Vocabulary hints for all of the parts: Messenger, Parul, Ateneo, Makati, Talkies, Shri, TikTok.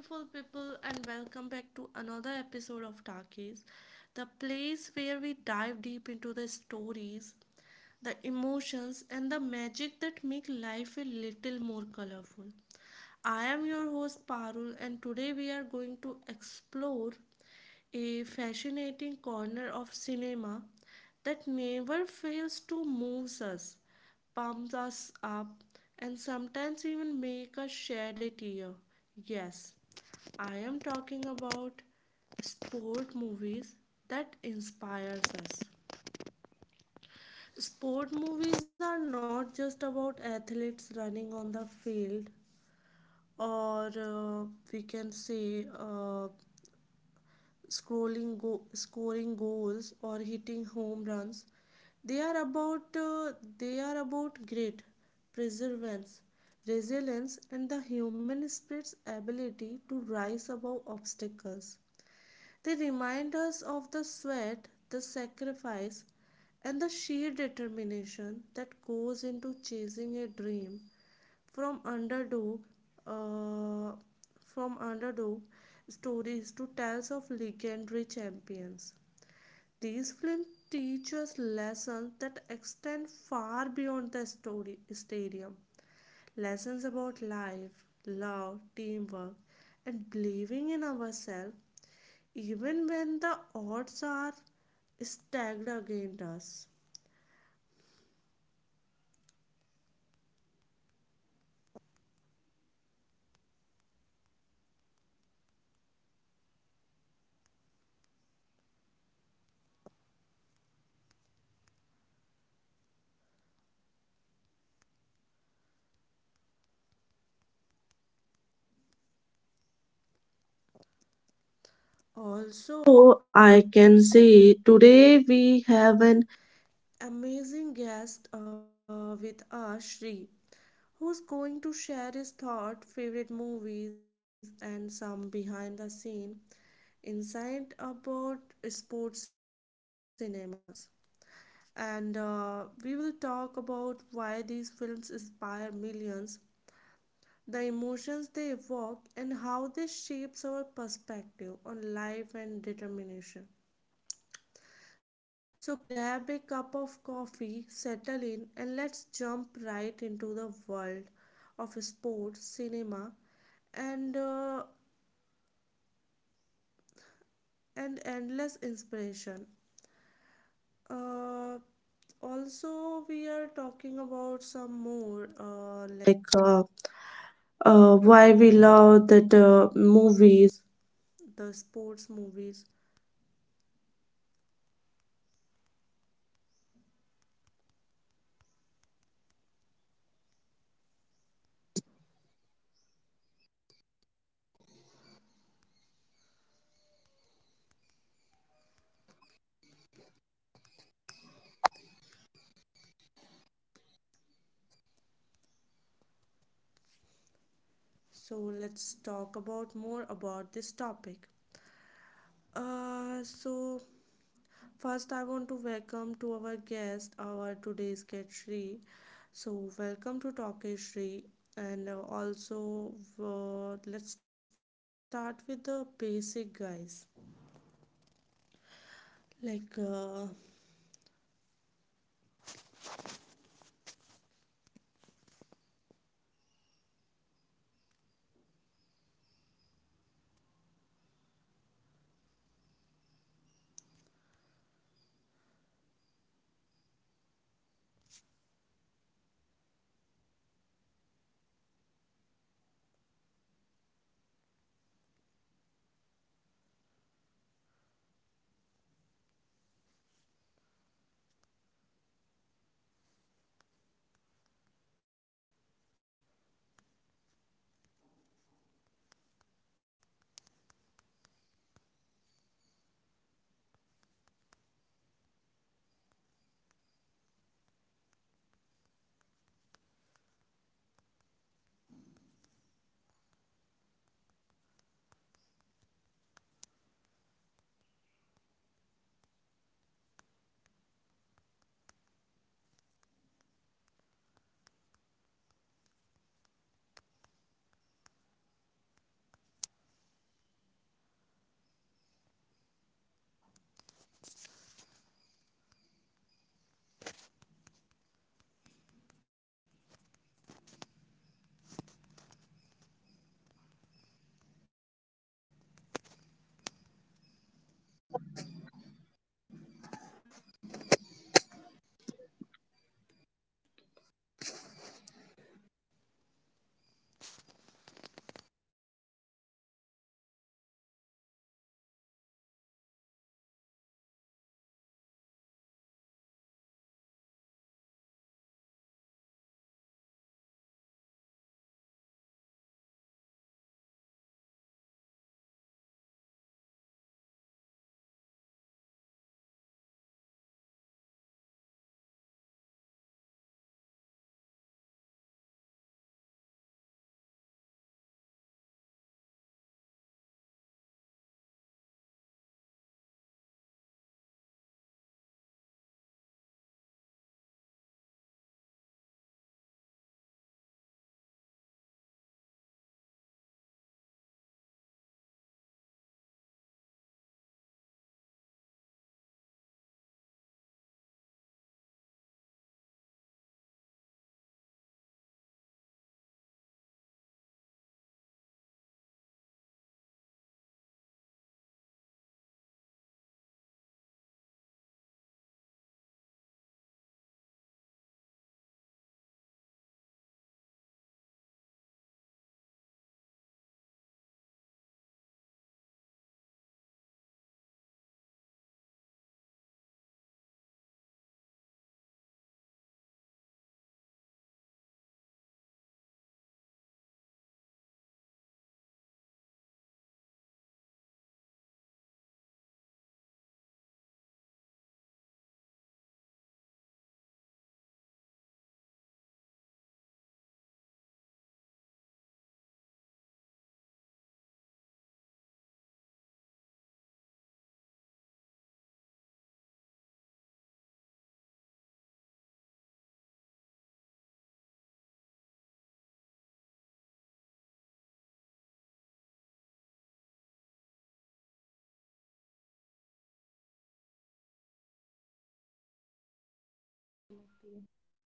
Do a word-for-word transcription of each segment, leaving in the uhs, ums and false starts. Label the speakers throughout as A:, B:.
A: Hello, beautiful people, and welcome back to another episode of Talkies, the place where we dive deep into the stories, the emotions, and the magic that make life a little more colorful. I am your host Parul, and today we are going to explore a fascinating corner of cinema that never fails to move us, pumps us up, and sometimes even make us shed a tear. Yes, I am talking about sport movies that inspires us. Sport movies are not just about athletes running on the field, or uh, we can say uh, scrolling go- scoring goals or hitting home runs. They are about uh, they are about grit, perseverance, resilience, and the human spirit's ability to rise above obstacles. They remind us of the sweat, the sacrifice, and the sheer determination that goes into chasing a dream from underdog uh, from underdog stories to tales of legendary champions. These films teach us lessons that extend far beyond the story stadium. Lessons about life, love, teamwork, and believing in ourselves even when the odds are stacked against us. Also, I can say today we have an amazing guest uh, with us, Shri, who's going to share his thought, favorite movies, and some behind the scene insight about sports cinemas. And uh, we will talk about why these films inspire millions, the emotions they evoke, and how they shapes our perspective on life and determination. So grab a cup of coffee, settle in, and let's jump right into the world of sports, cinema, and uh, and endless inspiration. Uh, Also, we are talking about some more uh, like uh, uh, why we love that uh, movies, the sports movies. So let's talk about more about this topic. Uh, so First, I want to welcome to our guest, our today's guest Shri. So, welcome to Talkish Shri, and uh, also uh, let's start with the basic guys. Like, uh,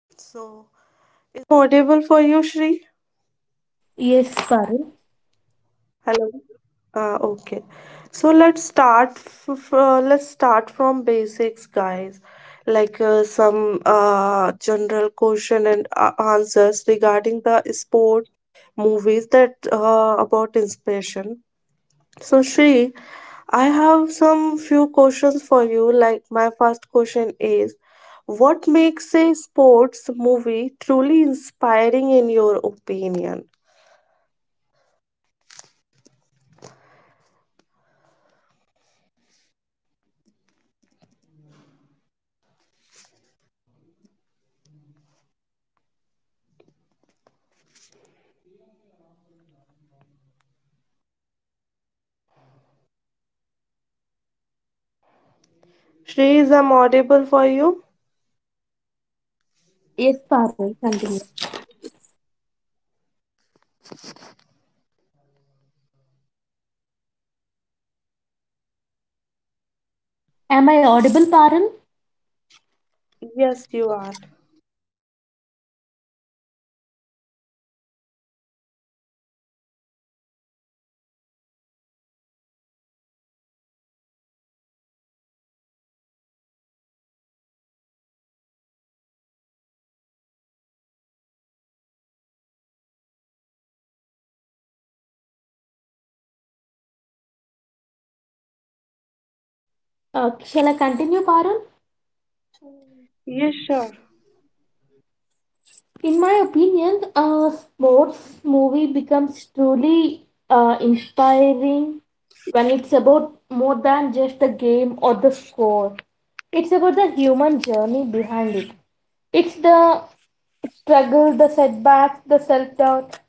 A: so is audible for you, Shri?
B: Yes, Parul.
A: Hello. Uh, okay. So let's start f f- uh, let's start from basics, guys. Like uh, some uh, general question and uh, answers regarding the sport movies that uh, about inspiration. So Shri, I have some few questions for you. Like my first question is, what makes a sports movie truly inspiring in your opinion? Shri, is I'm audible for you?
B: Yes, Parul, continue. Am I audible, Parul?
A: Yes, you are.
B: Uh, shall I continue, Parul?
A: Yes, sure.
B: In my opinion, a sports movie becomes truly uh, inspiring when it's about more than just the game or the score. It's about the human journey behind it. It's the struggle, the setbacks, the self doubt,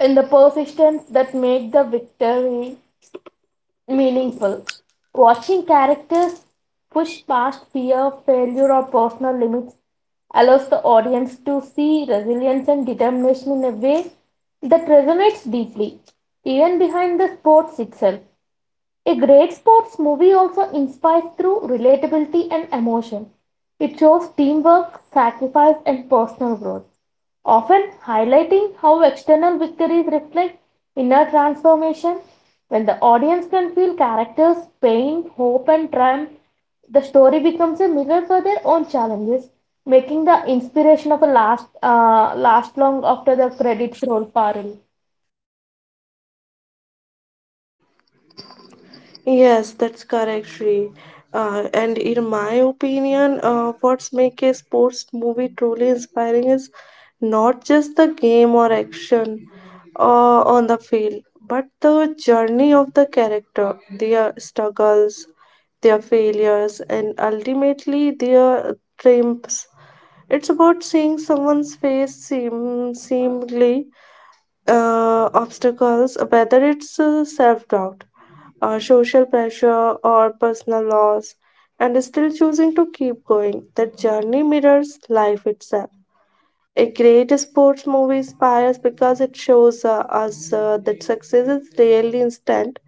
B: and the persistence that make the victory meaningful. Watching characters push past fear, failure, or personal limits allows the audience to see resilience and determination in a way that resonates deeply, even behind the sports itself. A great sports movie also inspires through relatability and emotion. It shows teamwork, sacrifice, and personal growth, often highlighting how external victories reflect inner transformation. When the audience can feel characters' pain, hope, and triumph, the story becomes a mirror for their own challenges, making the inspiration of a last uh, last long after the credits roll, Parul.
A: Yes, that's correct, Shri. Uh, and in my opinion, uh, what's make a sports movie truly inspiring is not just the game or action uh, on the field, but the journey of the character, their struggles, their failures, and ultimately their triumphs. It's about seeing someone's face seem seemingly uh, obstacles, whether it's uh, self doubt, uh, social pressure, or personal loss, and still choosing to keep going. The journey mirrors life itself. A great sports movie inspires because it shows uh, us uh, that success is rarely instant.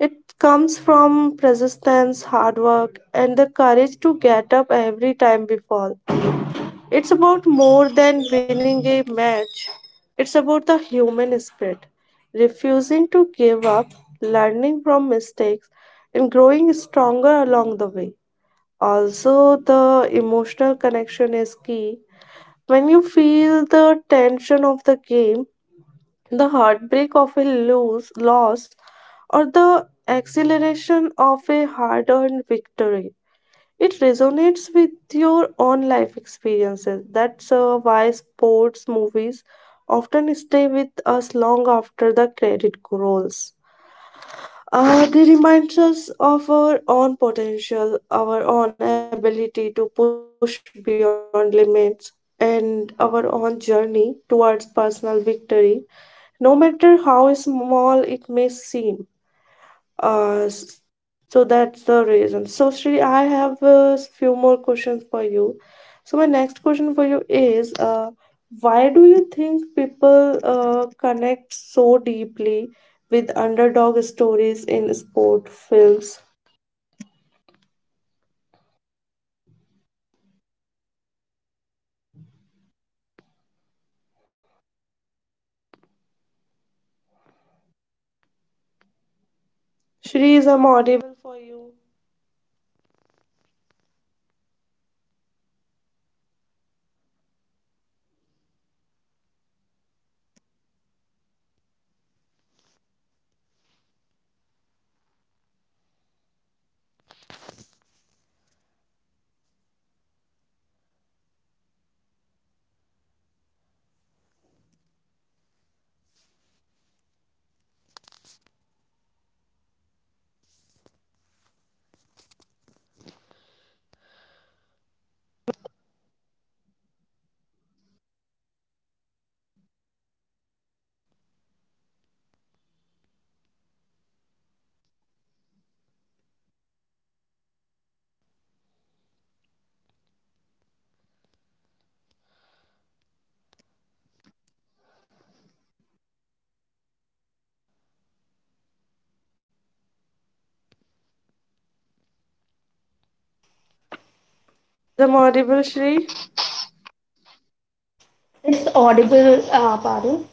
A: It comes from persistence, hard work, and the courage to get up every time we fall. It's about more than winning a match. It's about the human spirit, refusing to give up, learning from mistakes, and growing stronger along the way. Also, the emotional connection is key. When you feel the tension of the game, the heartbreak of a lose, loss, or the exhilaration of a hard earned victory, it resonates with your own life experiences. That's uh, why sports movies often stay with us long after the credit rolls. Uh, they remind us of our own potential, our own ability to push beyond limits, and our own journey towards personal victory, no matter how small it may seem. Uh, s- so that's the reason. So, Shri, I have a few more questions for you. So, my next question for you is uh, why do you think people uh, connect so deeply with underdog stories in sport films? Shri, is I'm audible for you. Is I'm audible, Shri?
B: It's audible, uh, Parul.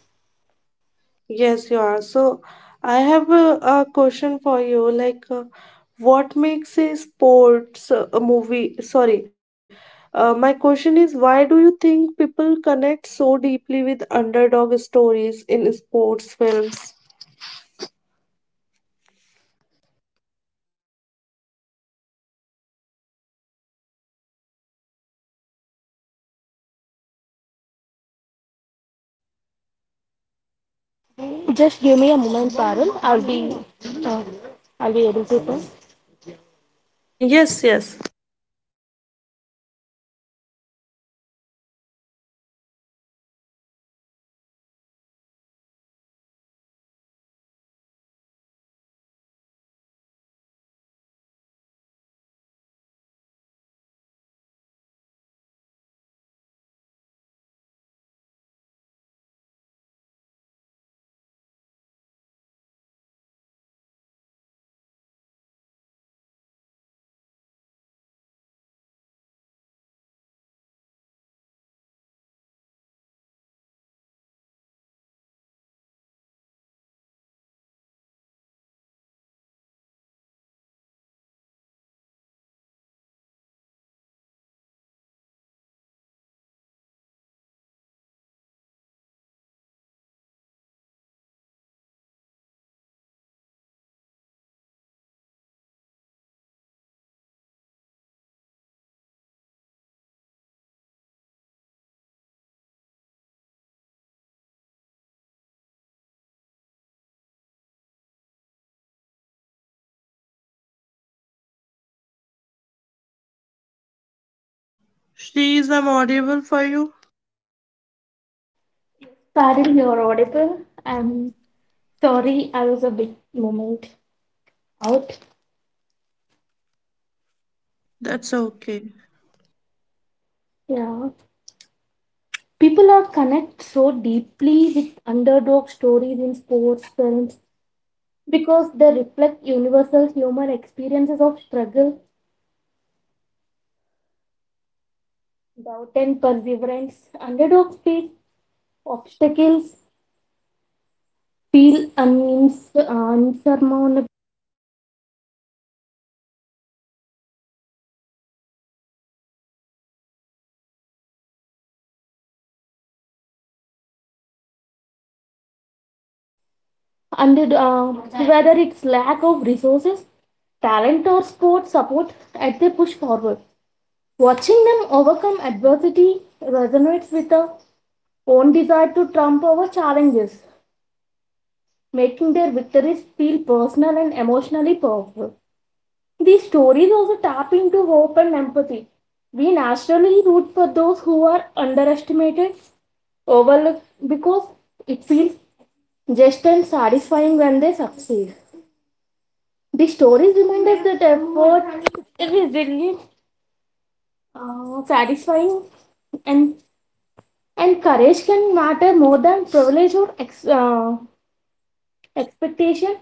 A: Yes, you are. So, I have a, a question for you. Like, uh, what makes a sports uh, a movie? Sorry, uh, my question is why do you think people connect so deeply with underdog stories in sports films?
B: Just give me a moment, Parul. I'll be, uh, I'll be able to. Talk.
A: Yes, yes. She is I'm audible for you.
B: Parul, you're audible. I'm sorry, I was a big moment out.
A: That's okay.
B: Yeah, people are connect so deeply with underdog stories in sports films because they reflect universal human experiences of struggle, doubt, and perseverance. Underdogs face obstacles, feel unins- unsurmountable and uh, whether it's lack of resources, talent, or sport support, as they push forward. Watching them overcome adversity resonates with our own desire to trump over challenges, making their victories feel personal and emotionally powerful. These stories also tap into hope and empathy. We naturally root for those who are underestimated, overlooked, because it feels just and satisfying when they succeed. The stories remind us that effort, resilience, uh, satisfying, and and courage can matter more than privilege or ex, uh, expectation,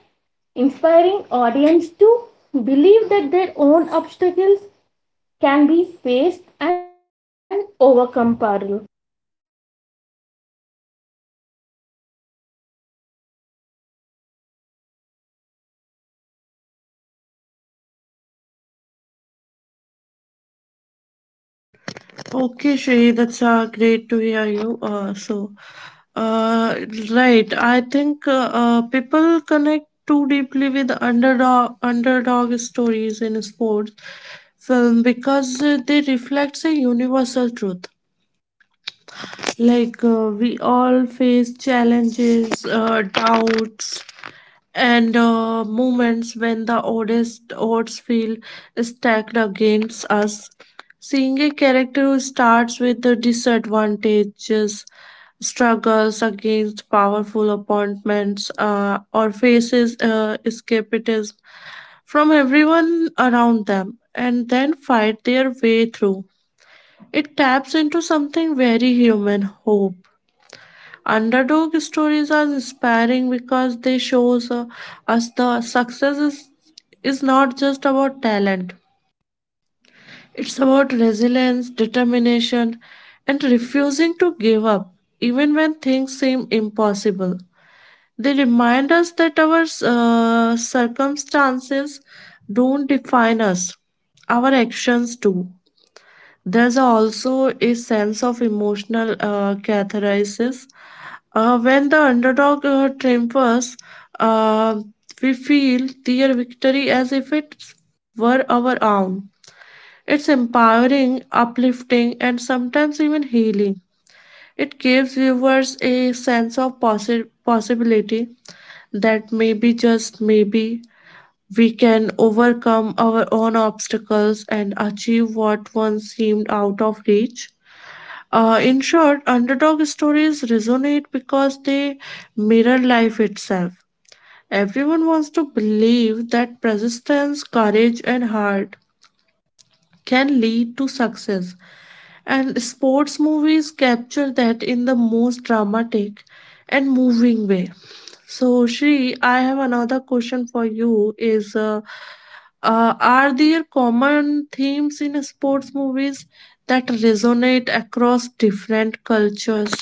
B: inspiring audience to believe that their own obstacles can be faced and overcome. Parul.
A: Okay, Shri, that's uh, great to hear you. Uh, so, uh, right, I think uh, uh, people connect too deeply with underdog underdog stories in sports film because uh, they reflect a universal truth. Like uh, we all face challenges, uh, doubts, and uh, moments when the oddest odds feel stacked against us. Seeing a character who starts with the disadvantages, struggles against powerful opponents, uh, or faces uh, escapism from everyone around them, and then fight their way through it taps into something very human hope. Underdog stories are inspiring because they shows uh, us the success is, is not just about talent. It's about resilience, determination, and refusing to give up even when things seem impossible. They remind us that our uh, circumstances don't define us, our actions do. There's also a sense of emotional uh, catharsis. Uh, when the underdog uh, triumphs, uh, we feel their victory as if it were our own. It's empowering, uplifting, and sometimes even healing. It gives viewers a sense of possi- possibility that maybe, just maybe, we can overcome our own obstacles and achieve what once seemed out of reach. Uh, in short, underdog stories resonate because they mirror life itself. Everyone wants to believe that persistence, courage, and heart can lead to success, and sports movies capture that in the most dramatic and moving way. So, Shri, I have another question for you: Is uh, uh, are there common themes in sports movies that resonate across different cultures?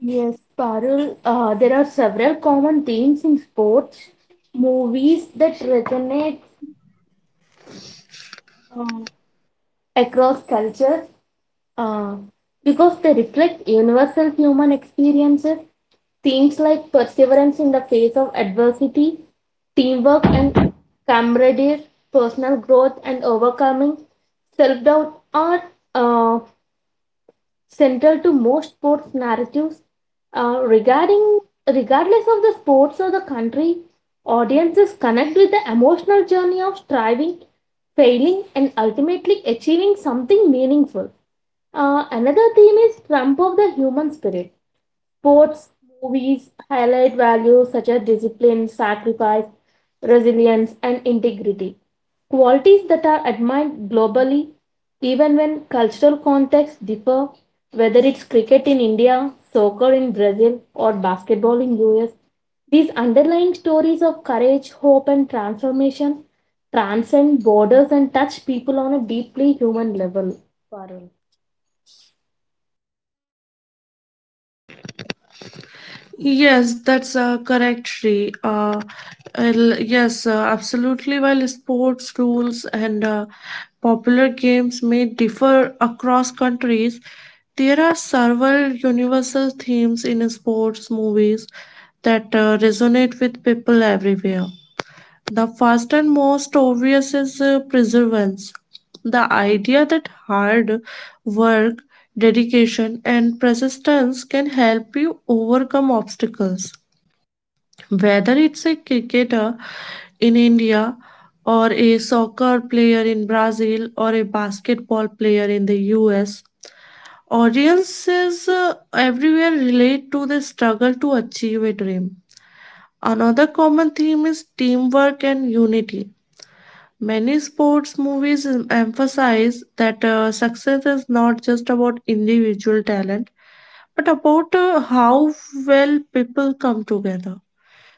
B: Yes, Parul. Uh, there are several common themes in sports movies that resonate uh, across cultures, Uh, because they reflect universal human experiences. Themes like perseverance in the face of adversity, teamwork and camaraderie, personal growth and overcoming, self doubt are uh, central to most sports narratives, uh, regarding regardless of the sports or the country. Audiences connect with the emotional journey of striving, failing, and ultimately achieving something meaningful. Uh, another theme is trump of the human spirit. Sports movies highlight values such as discipline, sacrifice, resilience, and integrity. Qualities that are admired globally, even when cultural contexts differ, whether it's cricket in India, soccer in Brazil, or basketball in U S. These underlying stories of courage, hope, and transformation transcend borders and touch people on a deeply human level. Parul.
A: Yes, that's uh, correct, Sri. Uh, I'll- yes, uh, absolutely. While sports rules and uh, popular games may differ across countries, there are several universal themes in sports movies that uh, resonate with people everywhere. The first and most obvious is uh, perseverance. The idea that hard work, dedication, and persistence can help you overcome obstacles. Whether it's a cricketer in India, or a soccer player in Brazil, or a basketball player in the U S, audiences uh, everywhere relate to the struggle to achieve a dream. Another common theme is teamwork and unity. Many sports movies emphasize that uh, success is not just about individual talent, but about uh, how well people come together,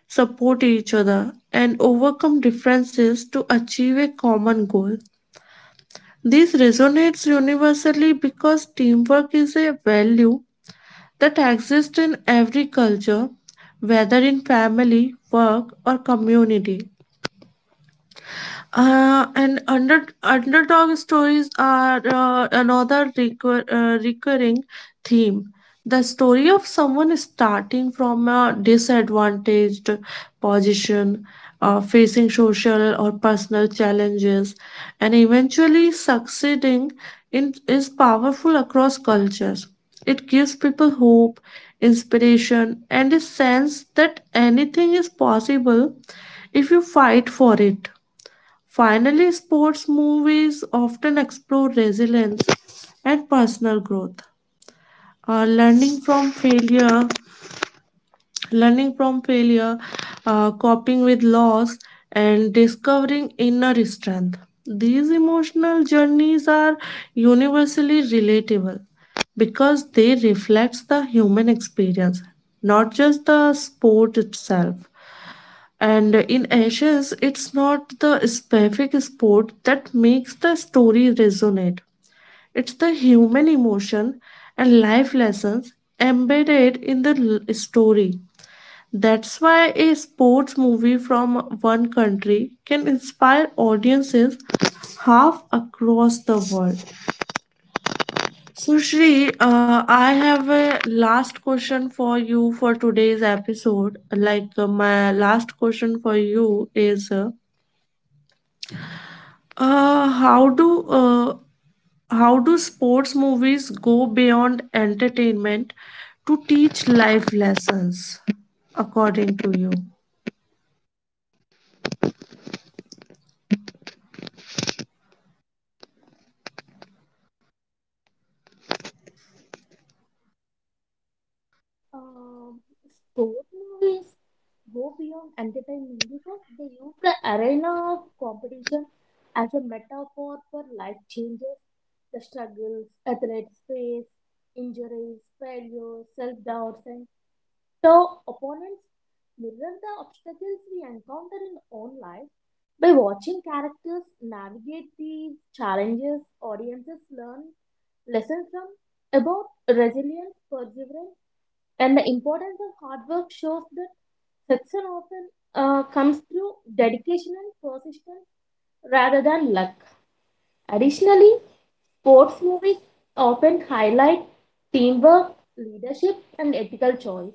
A: support each other, and overcome differences to achieve a common goal. This resonates universally because teamwork is a value that exists in every culture, whether in family, work, or community. Uh, and under Underdog stories are uh, another recur, uh, recurring theme. The story of someone starting from a disadvantaged position, uh, facing social or personal challenges, and eventually succeeding in, is powerful across cultures. It gives people hope, inspiration, and a sense that anything is possible if you fight for it. Finally, sports movies often explore resilience and personal growth. Uh, learning from failure, learning from failure, uh, coping with loss, and discovering inner strength. These emotional journeys are universally relatable because they reflect the human experience, not just the sport itself. And in Ashes, it's not the specific sport that makes the story resonate. It's the human emotion and life lessons embedded in the l- story. That's why a sports movie from one country can inspire audiences half across the world. So, Shri, uh, I have a last question for you for today's episode. Like, uh, my last question for you is. uh, Uh, how do uh, how do sports movies go beyond entertainment to teach life lessons, according to you?
B: Um, Sport movies go beyond entertainment because they use the arena of competition as a metaphor for life changes. The struggles athletes face, injuries, failures, self doubts, and tough opponents mirror the obstacles we encounter in our own life. By watching characters navigate these challenges, audiences learn lessons from about resilience, perseverance, and the importance of hard work shows that success often uh, comes through dedication and persistence rather than luck. Additionally, sports movies often highlight teamwork, leadership, and ethical choice.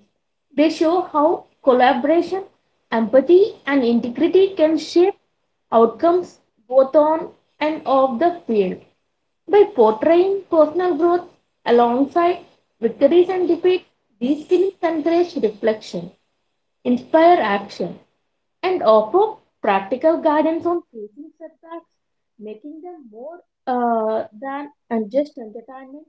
B: They show how collaboration, empathy, and integrity can shape outcomes both on and off the field. By portraying personal growth alongside victories and defeats, these films encourage reflection, inspire action, and offer practical guidance on facing setbacks, making them more uh, than and just entertainment.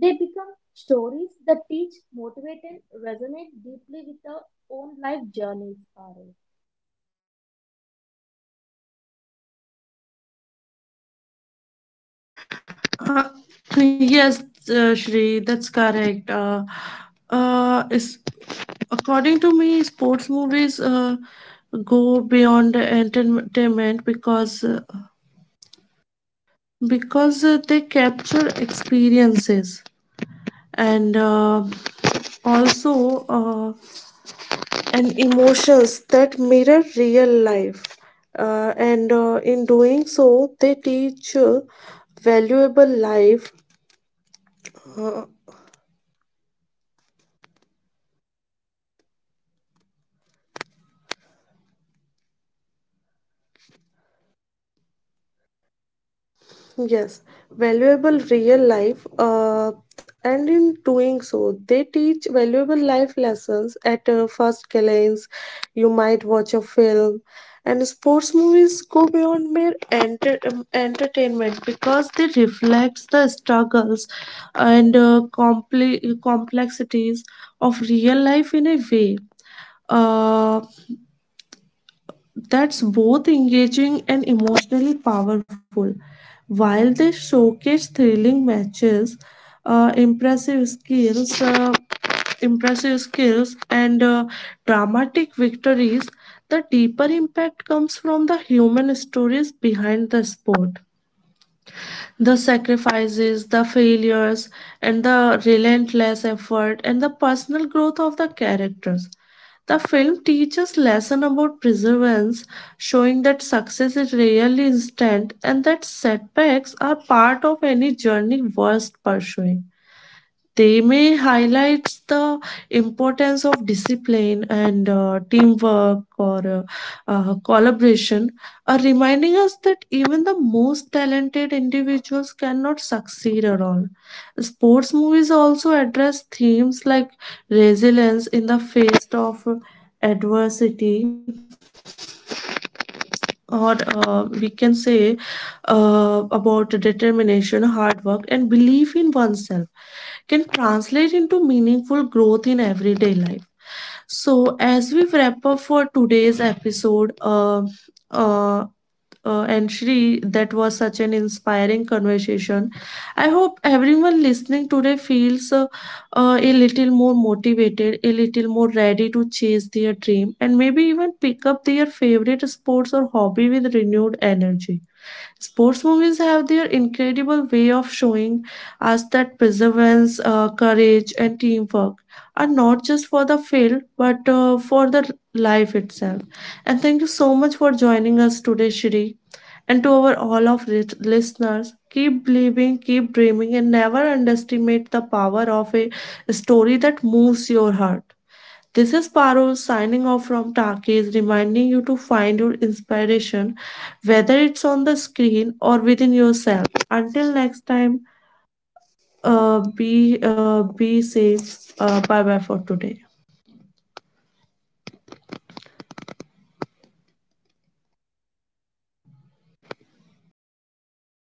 B: They become stories that teach, motivate, and resonate deeply with our own life journeys. Parul.
A: Uh, yes, uh, Shri, that's correct. Uh, uh, is According to me, sports movies uh, go beyond entertainment because uh, because uh, they capture experiences and uh, also. Uh, and emotions that mirror real life. Uh, and uh, In doing so, they teach uh, valuable life Yes, valuable real life, uh, and in doing so, they teach valuable life lessons at a first glance. You might watch a film, and sports movies go beyond mere enter- um, entertainment because they reflect the struggles and uh, compli complexities of real life in a way. Uh, that's both engaging and emotionally powerful. While they showcase thrilling matches, uh, impressive skills, uh, impressive skills, and uh, dramatic victories, the deeper impact comes from the human stories behind the sport. The sacrifices, the failures, and the relentless effort and the personal growth of the characters. The film teaches lesson about perseverance, showing that success is rarely instant and that setbacks are part of any journey worth pursuing. They may highlight the importance of discipline and uh, teamwork or uh, uh, collaboration, uh, reminding us that even the most talented individuals cannot succeed at all. Sports movies also address themes like resilience in the face of adversity or uh, we can say uh, about determination, hard work, and belief in oneself can translate into meaningful growth in everyday life. So, as we wrap up for today's episode, uh, uh, uh, and Shri, that was such an inspiring conversation. I hope everyone listening today feels uh, uh, a little more motivated, a little more ready to chase their dream, and maybe even pick up their favorite sports or hobby with renewed energy. Sports movies have their incredible way of showing us that perseverance, uh, courage, and teamwork are not just for the field but uh, for the life itself. And thank you so much for joining us today, Shri. And to our all of lit- listeners, keep believing, keep dreaming, and never underestimate the power of a story that moves your heart. This is Paro signing off from Takis, reminding you to find your inspiration, whether it's on the screen or within yourself. Until next time, uh, be uh, be safe. Uh, bye bye for today.